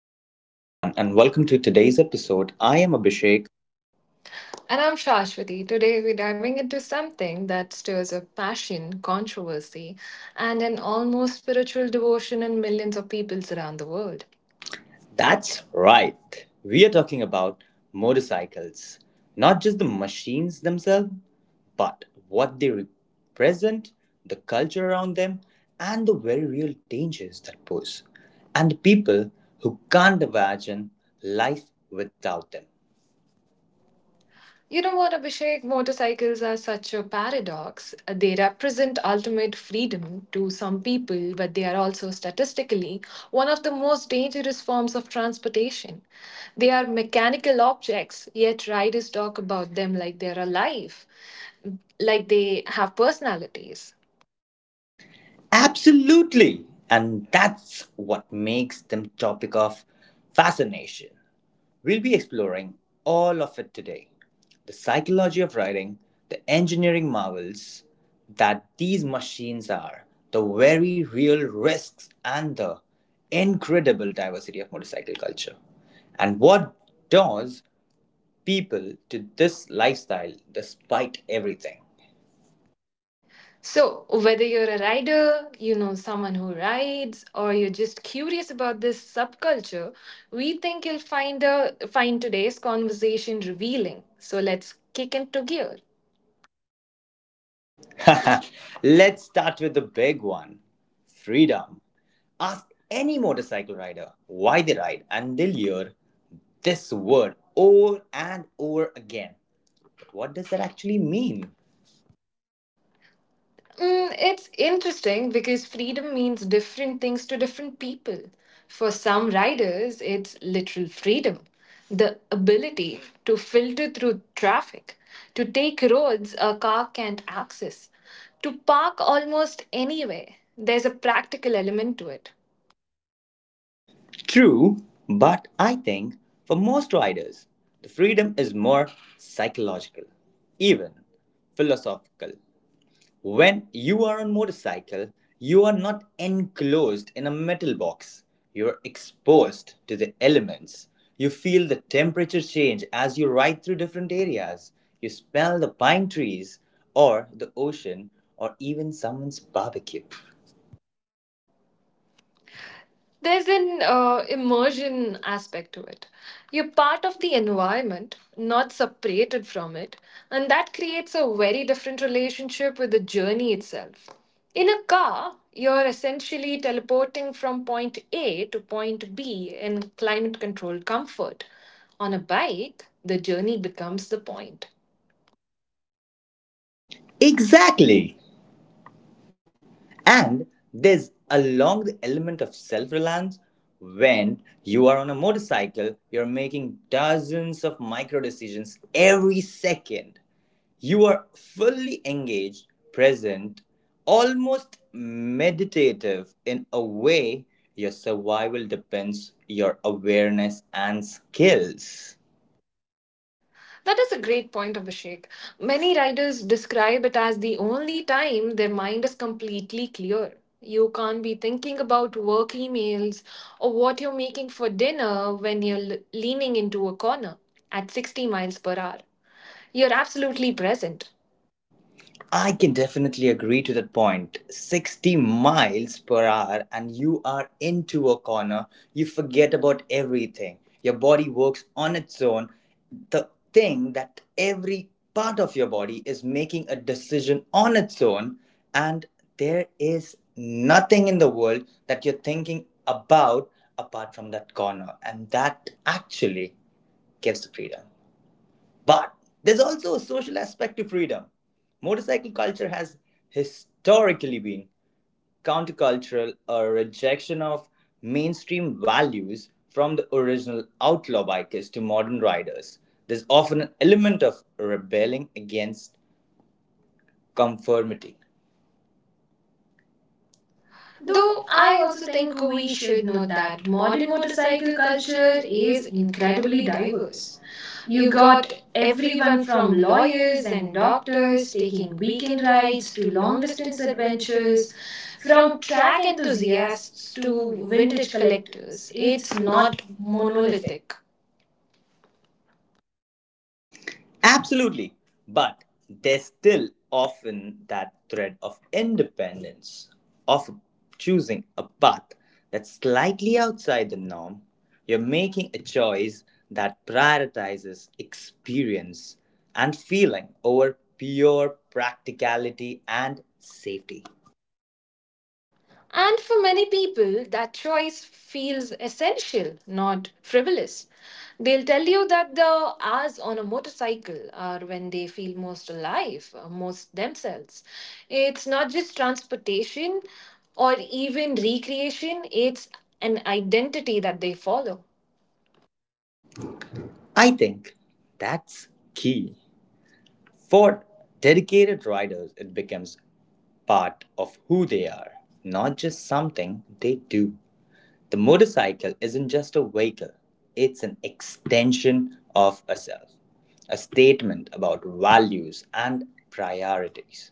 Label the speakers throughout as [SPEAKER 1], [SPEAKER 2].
[SPEAKER 1] Hello, everyone, and welcome to today's episode. I am Abhishek.
[SPEAKER 2] And I'm Shashwati. Today we're diving into something that stirs up passion, controversy, and an almost spiritual devotion in millions of peoples around the world.
[SPEAKER 1] That's right. We are talking about motorcycles, not just the machines themselves, but what they represent, the culture around them, and the very real dangers that pose, and the people who can't imagine life without them.
[SPEAKER 2] You know what, Abhishek? Motorcycles are such a paradox. They represent ultimate freedom to some people, but they are also statistically one of the most dangerous forms of transportation. They are mechanical objects, yet riders talk about them like they're alive, like they have personalities.
[SPEAKER 1] Absolutely. And that's what makes them topic of fascination. We'll be exploring all of it today, the psychology of writing, the engineering marvels that these machines are, the very real risks, and the incredible diversity of motorcycle culture. And what draws people to this lifestyle despite everything?
[SPEAKER 2] So, whether you're a rider, someone who rides, or you're just curious about this subculture, we think you'll find today's conversation revealing. So, let's kick into gear.
[SPEAKER 1] Let's start with the big one, freedom. Ask any motorcycle rider why they ride, and they'll hear this word over and over again. But what does that actually mean?
[SPEAKER 2] Mm, it's interesting because freedom means different things to different people. For some riders, it's literal freedom, the ability to filter through traffic, to take roads a car can't access, to park almost anywhere. There's a practical element to it.
[SPEAKER 1] True, but I think for most riders, the freedom is more psychological, even philosophical. When you are on motorcycle, you are not enclosed in a metal box. You're exposed to the elements. You feel the temperature change as you ride through different areas. You smell the pine trees or the ocean or even someone's barbecue.
[SPEAKER 2] There's an immersion aspect to it. You're part of the environment, not separated from it, and that creates a very different relationship with the journey itself. In a car, you're essentially teleporting from point A to point B in climate controlled comfort. On a bike, the journey becomes the point.
[SPEAKER 1] Exactly. And there's along the element of self reliance. When you are on a motorcycle, you're making dozens of micro decisions every second. You are fully engaged, present, almost meditative in a way. Your survival depends your awareness and skills.
[SPEAKER 2] That is a great point, Abhishek. Many writers describe it as the only time their mind is completely clear. You can't be thinking about work emails or what you're making for dinner when leaning into a corner at 60 miles per hour. You're absolutely present.
[SPEAKER 1] I can definitely agree to that point. 60 miles per hour, and you are into a corner. You forget about everything. Your body works on its own. The thing that every part of your body is making a decision on its own, and there is nothing in the world that you're thinking about apart from that corner. And that actually gives the freedom. But there's also a social aspect to freedom. Motorcycle culture has historically been countercultural, a rejection of mainstream values from the original outlaw bikers to modern riders. There's often an element of rebelling against conformity. Though
[SPEAKER 2] Though
[SPEAKER 1] I
[SPEAKER 2] I
[SPEAKER 1] also
[SPEAKER 2] also
[SPEAKER 1] think
[SPEAKER 2] think
[SPEAKER 1] we
[SPEAKER 2] we
[SPEAKER 1] should
[SPEAKER 2] should
[SPEAKER 1] note
[SPEAKER 2] note
[SPEAKER 1] that
[SPEAKER 2] that
[SPEAKER 1] modern
[SPEAKER 2] modern
[SPEAKER 1] motorcycle
[SPEAKER 2] motorcycle culture
[SPEAKER 1] culture is
[SPEAKER 2] is
[SPEAKER 1] incredibly
[SPEAKER 2] incredibly
[SPEAKER 1] diverse.
[SPEAKER 2] diverse.
[SPEAKER 1] You
[SPEAKER 2] You
[SPEAKER 1] got
[SPEAKER 2] got
[SPEAKER 1] everyone
[SPEAKER 2] everyone
[SPEAKER 1] from
[SPEAKER 2] from
[SPEAKER 1] lawyers
[SPEAKER 2] lawyers
[SPEAKER 1] and
[SPEAKER 2] and
[SPEAKER 1] doctors
[SPEAKER 2] doctors
[SPEAKER 1] taking
[SPEAKER 2] taking
[SPEAKER 1] weekend
[SPEAKER 2] weekend
[SPEAKER 1] rides
[SPEAKER 2] rides
[SPEAKER 1] to
[SPEAKER 2] to
[SPEAKER 1] long
[SPEAKER 2] long
[SPEAKER 1] distance
[SPEAKER 2] distance
[SPEAKER 1] adventures,
[SPEAKER 2] adventures,
[SPEAKER 1] from
[SPEAKER 2] from
[SPEAKER 1] track
[SPEAKER 2] track
[SPEAKER 1] enthusiasts
[SPEAKER 2] enthusiasts to
[SPEAKER 1] to vintage
[SPEAKER 2] vintage
[SPEAKER 1] collectors.
[SPEAKER 2] collectors.
[SPEAKER 1] It's
[SPEAKER 2] It's
[SPEAKER 1] not
[SPEAKER 2] not
[SPEAKER 1] monolithic.
[SPEAKER 2] monolithic.
[SPEAKER 1] Absolutely. But there's still often that thread of independence, of choosing a path that's slightly outside the norm. You're making a choice that prioritizes experience and feeling over pure practicality and safety.
[SPEAKER 2] And for many people, that choice feels essential, not frivolous. They'll tell you that the hours on a motorcycle are when they feel most alive, most themselves. It's not just transportation or even recreation, it's an identity that they follow.
[SPEAKER 1] I think that's key. For dedicated riders, it becomes part of who they are, not just something they do. The motorcycle isn't just a vehicle, it's an extension of a self, a statement about values and priorities.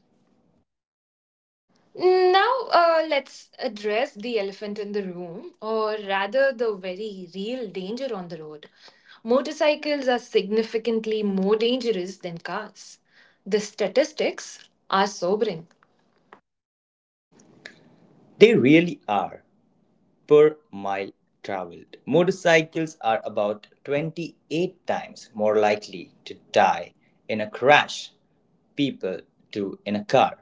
[SPEAKER 2] Now, let's address the elephant in the room, or rather, the very real danger on the road. Motorcycles are significantly more dangerous than cars. The statistics are sobering.
[SPEAKER 1] They really are per mile traveled. Motorcycles are about 28 times more likely to die in a crash people do in a car.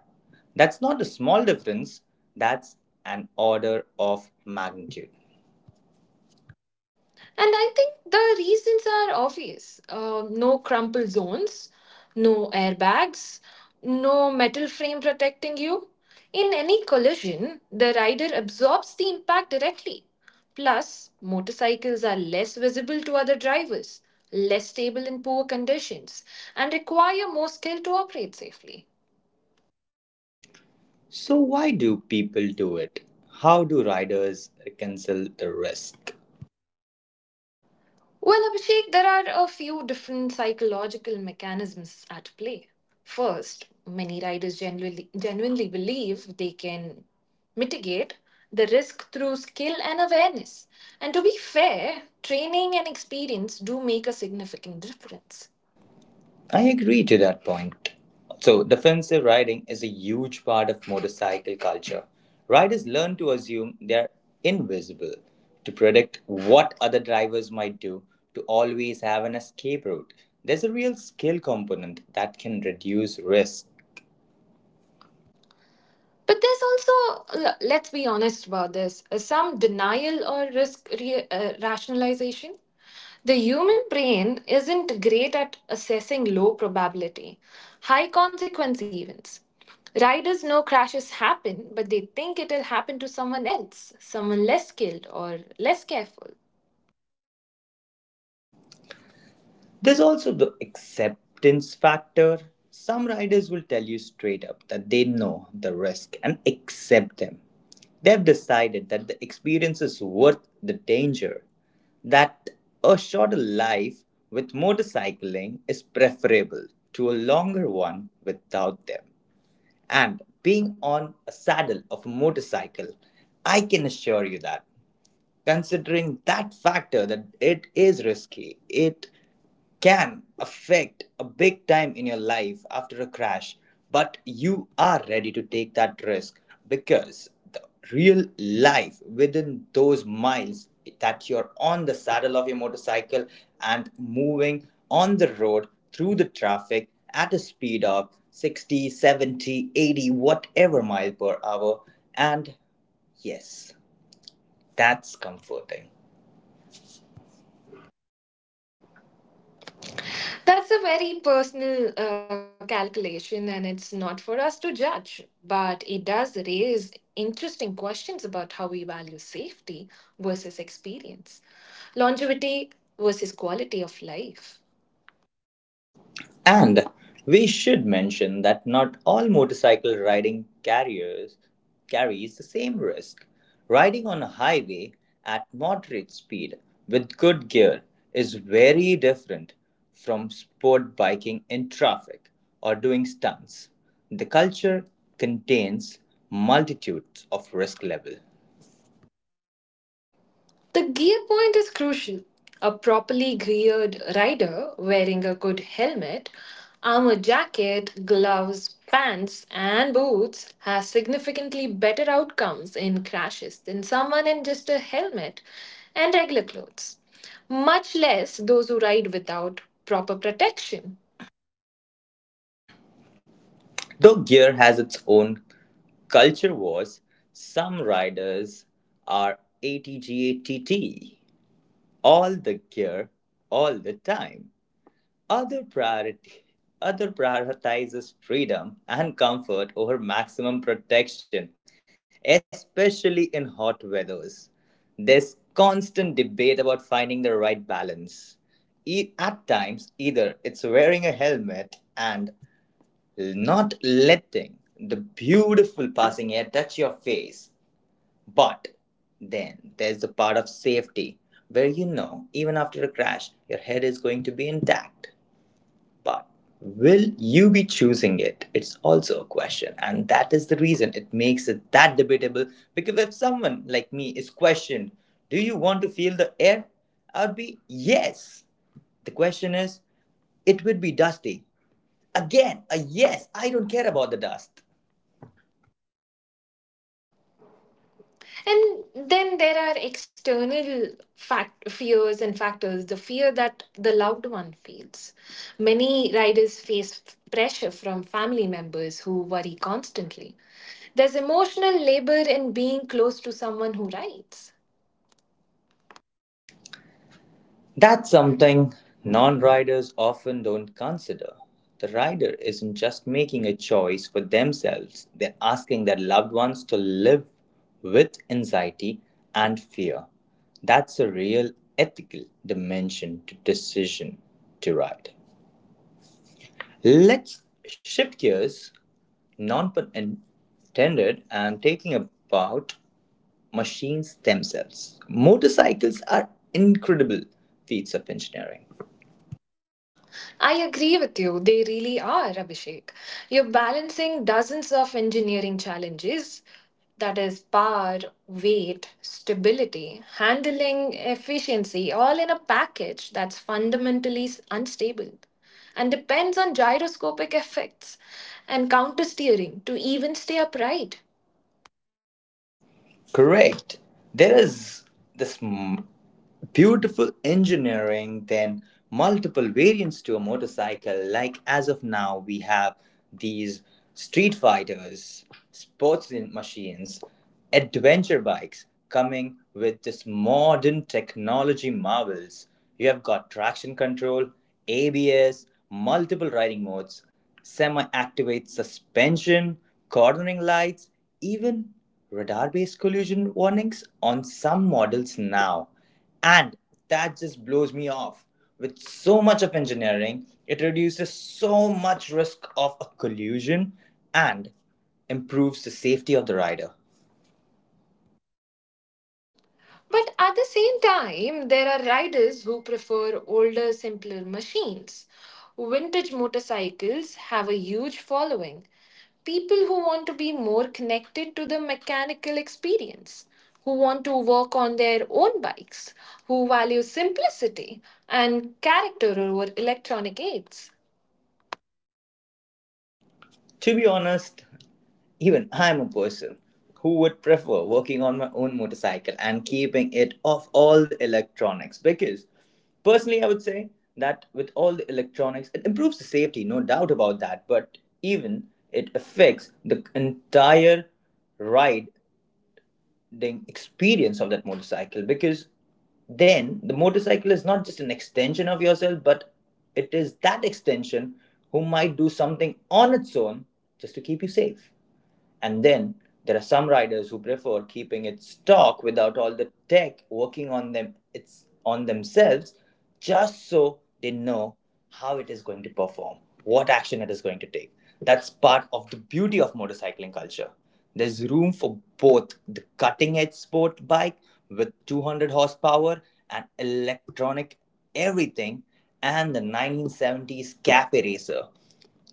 [SPEAKER 1] That's not a small difference, that's an order of magnitude.
[SPEAKER 2] And I think the reasons are obvious, no crumple zones, no airbags, no metal frame protecting you. In any collision, the rider absorbs the impact directly. Plus, motorcycles are less visible to other drivers, less stable in poor conditions, and require more skill to operate safely.
[SPEAKER 1] So, why do people do it? How do riders reconcile the risk?
[SPEAKER 2] Well, Abhishek, there are a few different psychological mechanisms at play. First, many riders genuinely believe they can mitigate the risk through skill and awareness. And to be fair, training and experience do make a significant difference.
[SPEAKER 1] I agree to that point. So, defensive riding is a huge part of motorcycle culture. Riders learn to assume they are invisible, to predict what other drivers might do, to always have an escape route. There's a real skill component that can reduce risk.
[SPEAKER 2] But there's also, let's be honest about this, some denial or rationalization. The human brain isn't great at assessing low probability, high consequence events. Riders know crashes happen, but they think it'll happen to someone else, someone less skilled or less careful.
[SPEAKER 1] There's also the acceptance factor. Some riders will tell you straight up that they know the risk and accept them. They've decided that the experience is worth the danger, that a shorter life with motorcycling is preferable to a longer one without them. And being on a saddle of a motorcycle, I can assure you that considering that factor that it is risky, it can affect a big time in your life after a crash, but you are ready to take that risk because the real life within those miles that you're on the saddle of your motorcycle and moving on the road through the traffic at a speed of 60, 70, 80, whatever mile per hour. And yes, that's comforting.
[SPEAKER 2] That's a very personal calculation, and it's not for us to judge, but it does raise interesting questions about how we value safety versus experience, longevity versus quality of life.
[SPEAKER 1] And we should mention that not all motorcycle riding carriers carries the same risk. Riding on a highway at moderate speed with good gear is very different from sport biking in traffic or doing stunts. The culture contains multitudes of risk level.
[SPEAKER 2] The gear point is crucial. A properly geared rider wearing a good helmet, armor jacket, gloves, pants, and boots has significantly better outcomes in crashes than someone in just a helmet and regular clothes, much less those who ride without proper protection.
[SPEAKER 1] Though gear has its own culture wars, some riders are ATGATT, all the care all the time. Other priority Other prioritizes freedom and comfort over maximum protection, especially in hot weathers. There's constant debate about finding the right balance. At times, either it's wearing a helmet and not letting the beautiful passing air touch your face, but then there's the part of safety where you know even after a crash your head is going to be intact. But will you be choosing it? It's also a question, and that is the reason it makes it that debatable. Because if someone like me is questioned, do you want to feel the air? I'd be yes. The question is, it would be dusty. Again, a yes. I don't care about the dust.
[SPEAKER 2] And then there are external fact fears and factors. The fear that the loved one feels. Many riders pressure from family members who worry constantly. There's emotional labor in being close to someone who rides.
[SPEAKER 1] That's something non riders often don't consider. The rider isn't just making a choice for themselves, they're asking their loved ones to live with anxiety and fear. That's a real ethical dimension to decision to ride. Let's shift gears, non pun intended, and taking about machines themselves. Motorcycles are incredible feats of engineering.
[SPEAKER 2] I agree with you. They really are, Abhishek. You're balancing dozens of engineering challenges, that is, power, weight, stability, handling, efficiency, all in a package that's unstable and depends on gyroscopic effects and counter steering to even stay upright.
[SPEAKER 1] Correct. There is this beautiful engineering, then multiple variants to a motorcycle. Like as of now, we have these street fighters, machines, adventure bikes coming with this modern technology marvels. You have got traction control, ABS, multiple riding modes, semi-activated suspension, cornering lights, even radar-based collision warnings on some models now. And that just blows me off. With so much of engineering, it reduces so much risk of a collision and improves the safety of the rider.
[SPEAKER 2] But at the same time, there are riders who prefer older, simpler machines. Vintage motorcycles have a huge following. People who want to be more connected to the mechanical experience, who want to work on their own bikes, who value simplicity and character over electronic aids.
[SPEAKER 1] To be honest, even I'm a person who would prefer working on my own motorcycle and keeping it off all the electronics, because personally I would say that with all the electronics it improves the safety, no doubt about that, but even it affects the entire riding experience of that motorcycle, because then the motorcycle is not just an extension of yourself, but it is that extension who might do something on its own just to keep you safe. And then there are some riders who prefer keeping it stock without all the tech, working on them it's on themselves, just so they know how it is going to perform, what action it is going to take. That's part of the beauty of motorcycling culture. There's room for both the cutting edge sport bike with 200 horsepower and electronic everything and the 1970s cafe racer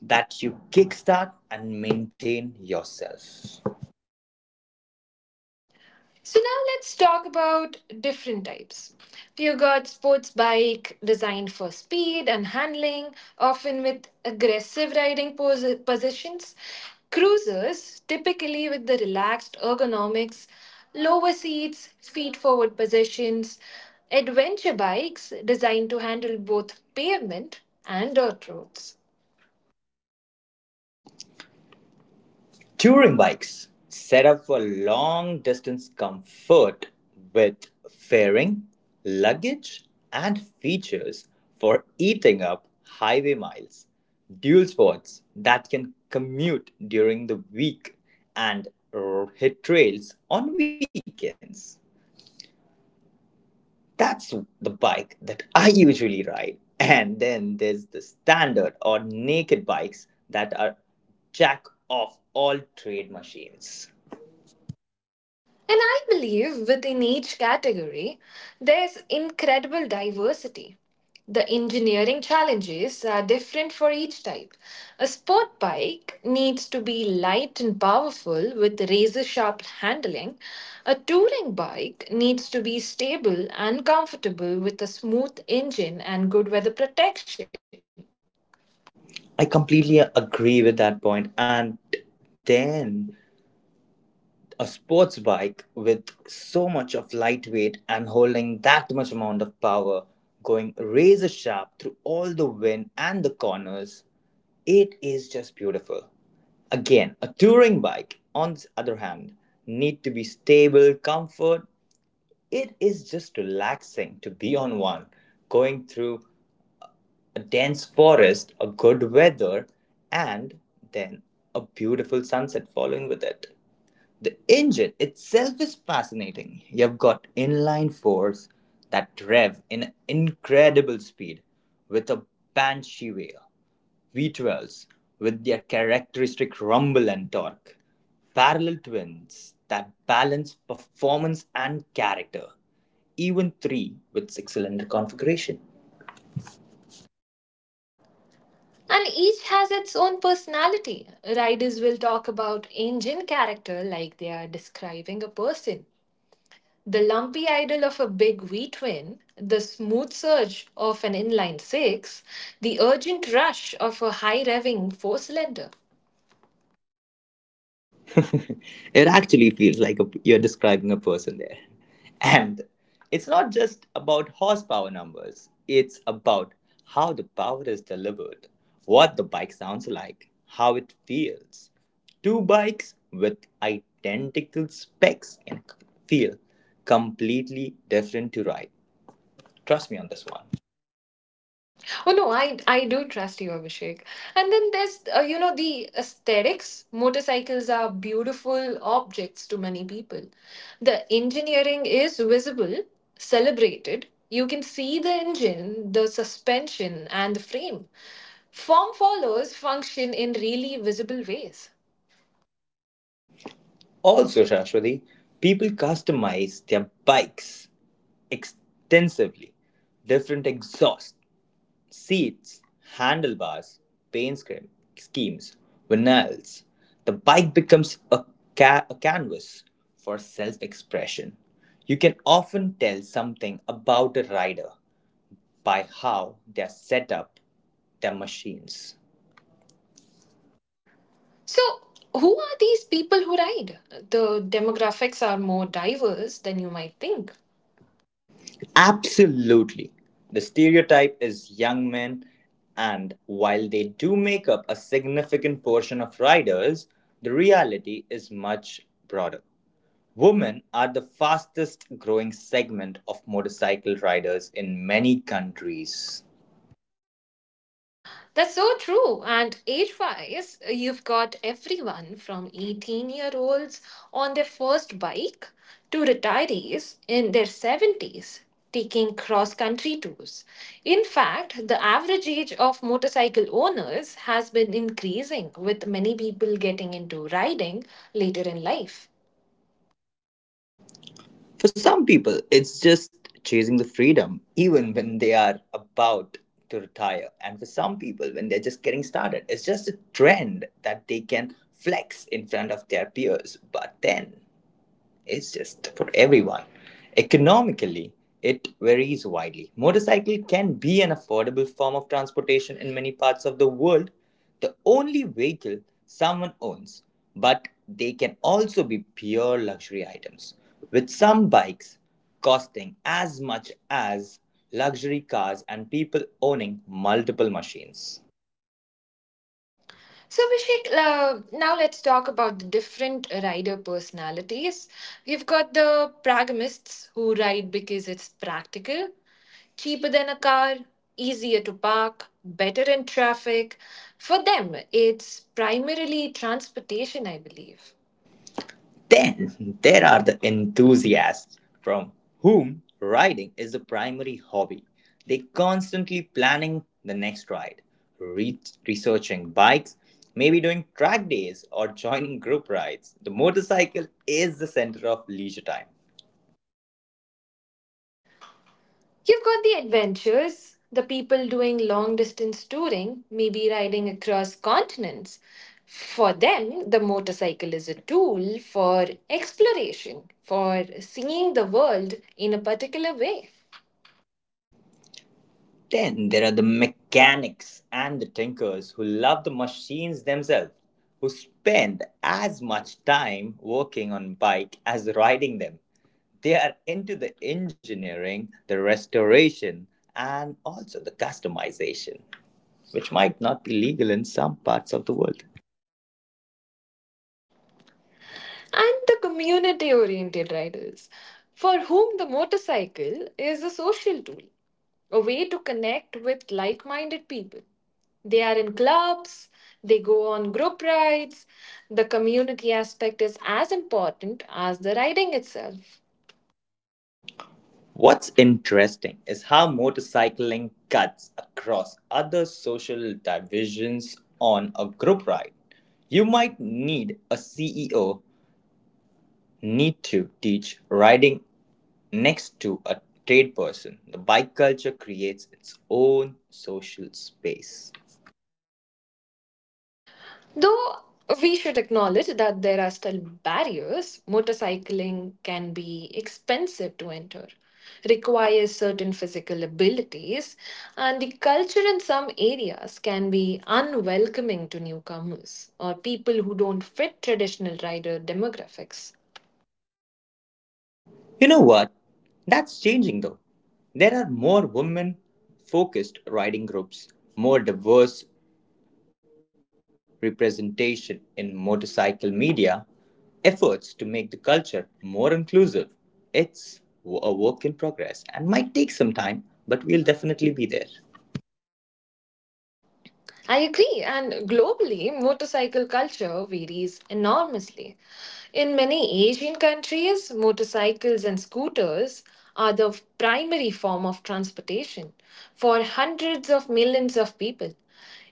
[SPEAKER 1] that you kickstart and maintain yourself.
[SPEAKER 2] So now let's talk about different types. You have got sports bike designed for speed and handling, often with aggressive positions. Cruisers, typically with the relaxed ergonomics, lower seats, feet forward positions. Adventure bikes designed to handle both pavement and dirt roads.
[SPEAKER 1] Touring bikes set up for long distance comfort with fairing, luggage, and features for eating up highway miles. Dual sports that can commute during the week and hit trails on weekends. That's the bike that I usually ride. And then there's the standard or naked bikes that are jack of all trade machines.
[SPEAKER 2] And I believe within each category, there's incredible diversity. The engineering challenges are different for each type. A sport bike needs to be light and powerful with razor sharp handling. A touring bike needs to be stable and comfortable with a smooth engine and good weather protection.
[SPEAKER 1] I completely agree with that point. And then a sports bike with so much of lightweight and holding that much amount of power going razor sharp through all the wind and the corners, it is just beautiful. Again, a touring bike, on the other hand, need to be stable, comfort. It is just relaxing to be on one, going through a dense forest, a good weather, and then a beautiful sunset following with it. The engine itself is fascinating. You've got inline fours that rev in incredible speed with a banshee wail, V12s with their characteristic rumble and torque. Parallel twins that balance performance and character. Even 3 with 6-cylinder configuration.
[SPEAKER 2] And each has its own personality. Riders will talk about engine character like they are describing a person. The lumpy idle of a big V twin, the smooth surge of an inline six, the urgent rush of a high revving four cylinder.
[SPEAKER 1] It actually feels like you're describing a person there. And it's not just about horsepower numbers, it's about how the power is delivered, what the bike sounds like, how it feels. Two bikes with identical specs can feel completely different to ride. Trust me on this one.
[SPEAKER 2] Oh no, I do trust you, Abhishek. And then there's, the aesthetics. Motorcycles are beautiful objects to many people. The engineering is visible, celebrated. You can see the engine, the suspension, and the frame. Form follows function in really visible ways.
[SPEAKER 1] Also, Shashwati, people customize their bikes extensively. Different exhausts, seats, handlebars, paint scrim- schemes, vinyls. The bike becomes a canvas for self expression. You can often tell something about a rider by how they are set up their machines.
[SPEAKER 2] So, who are these people who ride? The demographics are more diverse than you might think.
[SPEAKER 1] Absolutely. The stereotype is young men, and while they do make up a significant portion of riders, the reality is much broader. Women are the fastest growing segment of motorcycle riders in many countries.
[SPEAKER 2] That's so true. And age wise, you've got everyone from 18-year-olds on their first bike to retirees in their 70s taking cross country tours. In fact, the average age of motorcycle owners has been increasing, with many people getting into riding later in life.
[SPEAKER 1] For some people, it's just chasing the freedom, even when they are about to retire. And for some people, when they're just getting started, it's just a trend that they can flex in front of their peers. But then, is just for everyone. Economically, it varies widely. Motorcycle can be an affordable form of transportation in many parts of the world, the only vehicle someone owns, but they can also be pure luxury items, with some bikes costing as much as luxury cars and people owning multiple machines.
[SPEAKER 2] So, Abhishek, now let's talk about the different rider personalities. We've got the pragmatists who ride because it's practical, cheaper than a car, easier to park, better in traffic. For them, it's primarily transportation, I believe.
[SPEAKER 1] Then there are the enthusiasts from whom riding is the primary hobby. They constantly planning the next ride, re- researching bikes, maybe doing track days or joining group rides. The motorcycle is the center of leisure time.
[SPEAKER 2] You've got the adventures, the people doing long distance touring, maybe riding across continents. For them, the motorcycle is a tool for exploration, for seeing the world in a particular way.
[SPEAKER 1] Then there are the mechanics and the tinkers who love the machines themselves, who spend as much time working on bike as riding them. They are into the engineering, the restoration, and also the customization, which might not be legal in some parts of the world.
[SPEAKER 2] And the community oriented riders, for whom the motorcycle is a social tool, a way to connect with like minded people. They are in clubs, they go on group rides. The community aspect is as important as the riding itself.
[SPEAKER 1] What's interesting is how motorcycling cuts across other social divisions on a group ride. You might need a CEO need to teach riding next to a trade person. The bike culture creates its own social space.
[SPEAKER 2] Though we should acknowledge that there are still barriers, motorcycling can be expensive to enter, requires certain physical abilities, and the culture in some areas can be unwelcoming to newcomers or people who don't fit traditional rider demographics.
[SPEAKER 1] You know what? That's changing though. There are more women focused riding groups, more diverse representation in motorcycle media, efforts to make the culture more inclusive. It's a work in progress and might take some time, but we'll definitely be there.
[SPEAKER 2] I agree, and globally, motorcycle culture varies enormously. In many Asian countries, motorcycles and scooters are the primary form of transportation for hundreds of millions of people.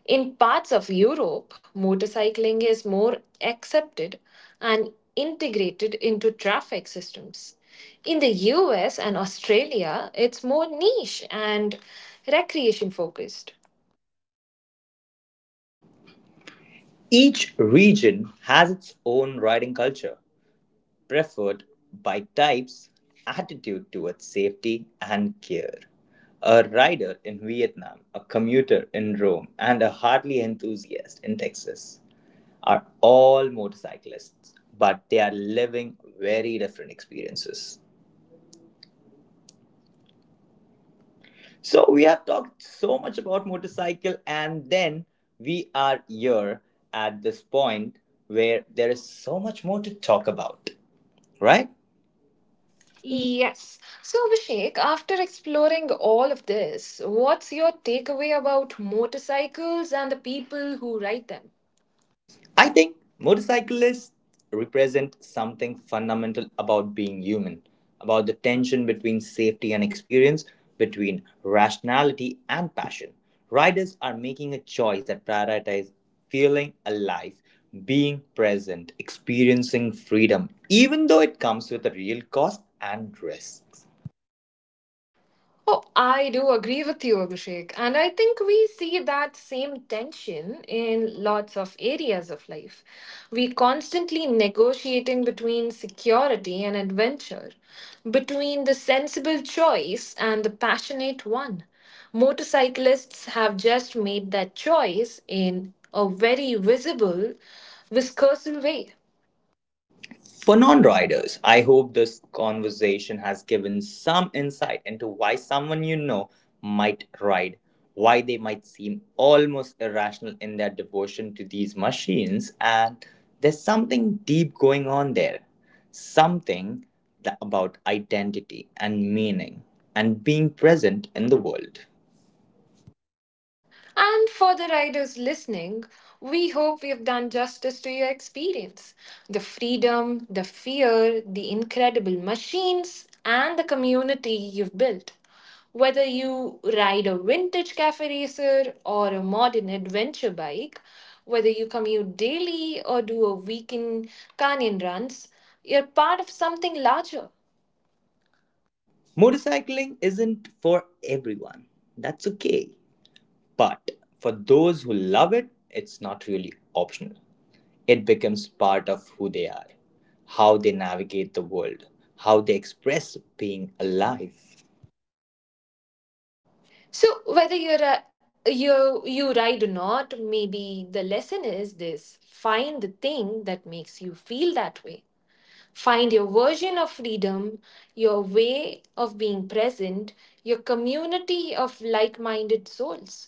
[SPEAKER 2] In parts of Europe, motorcycling is more accepted and integrated into traffic systems. In the US and Australia, it's more niche and recreation focused.
[SPEAKER 1] Each region has its own riding culture, preferred bike types, attitude towards safety and care. A rider in Vietnam, a commuter in Rome, and a Harley enthusiast in Texas are all motorcyclists, but they are living very different experiences. So, we have talked so much about motorcycle, and then we are here at this point where there is so much more to talk about. Right? Ye-
[SPEAKER 2] Yes. So, Abhishek, after exploring all of this, what's your takeaway about motorcycles and the people who ride them?
[SPEAKER 1] I think motorcyclists represent something fundamental about being human, about the tension between safety and experience, between rationality and passion. Riders are making a choice that prioritizes feeling alive, being present, experiencing freedom, even though it comes with a real cost and risks.
[SPEAKER 2] Oh, I do agree with you, Abhishek. And I think we see that same tension in lots of areas of life. We constantly negotiating between security and adventure, between the sensible choice and the passionate one. Motorcyclists have just made that choice in a very visible, viscous way.
[SPEAKER 1] For non riders, I hope this conversation has given some insight into why someone you know might ride, why they might seem almost irrational in their devotion to these machines, and there's something deep going on there. Something about identity and meaning and being present in the world.
[SPEAKER 2] And for the riders listening, we hope we have done justice to your experience. The freedom, the fear, the incredible machines, and the community you've built. Whether you ride a vintage cafe racer or a modern adventure bike, whether you commute daily or do a weekend canyon runs, you're part of something larger.
[SPEAKER 1] Motorcycling isn't for everyone, that's okay. But for those who love it, it's not really optional. It becomes part of who they are, how they navigate the world, how they express being alive.
[SPEAKER 2] So whether you ride or not, maybe the lesson is this: find the thing that makes you feel that way. Find your version of freedom, your way of being present, your community of like-minded souls.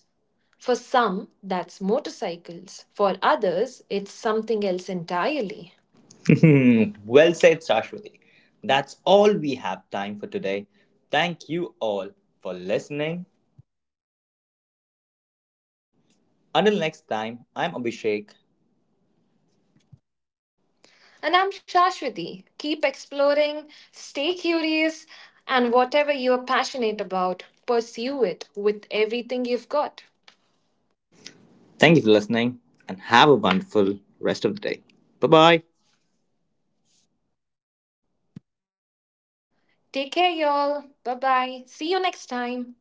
[SPEAKER 2] For some, that's motorcycles. For others, it's something else entirely.
[SPEAKER 1] Hmm, well said, Shashwati. That's all we have time for today. Thank you all for listening. Until next time, I'm Abhishek.
[SPEAKER 2] And I'm Shashwati. Keep exploring, stay curious, and whatever you're passionate about, pursue it with everything you've got.
[SPEAKER 1] Thank you for listening and have a wonderful rest of the day. Bye bye.
[SPEAKER 2] Take care, y'all. Bye bye. See you next time.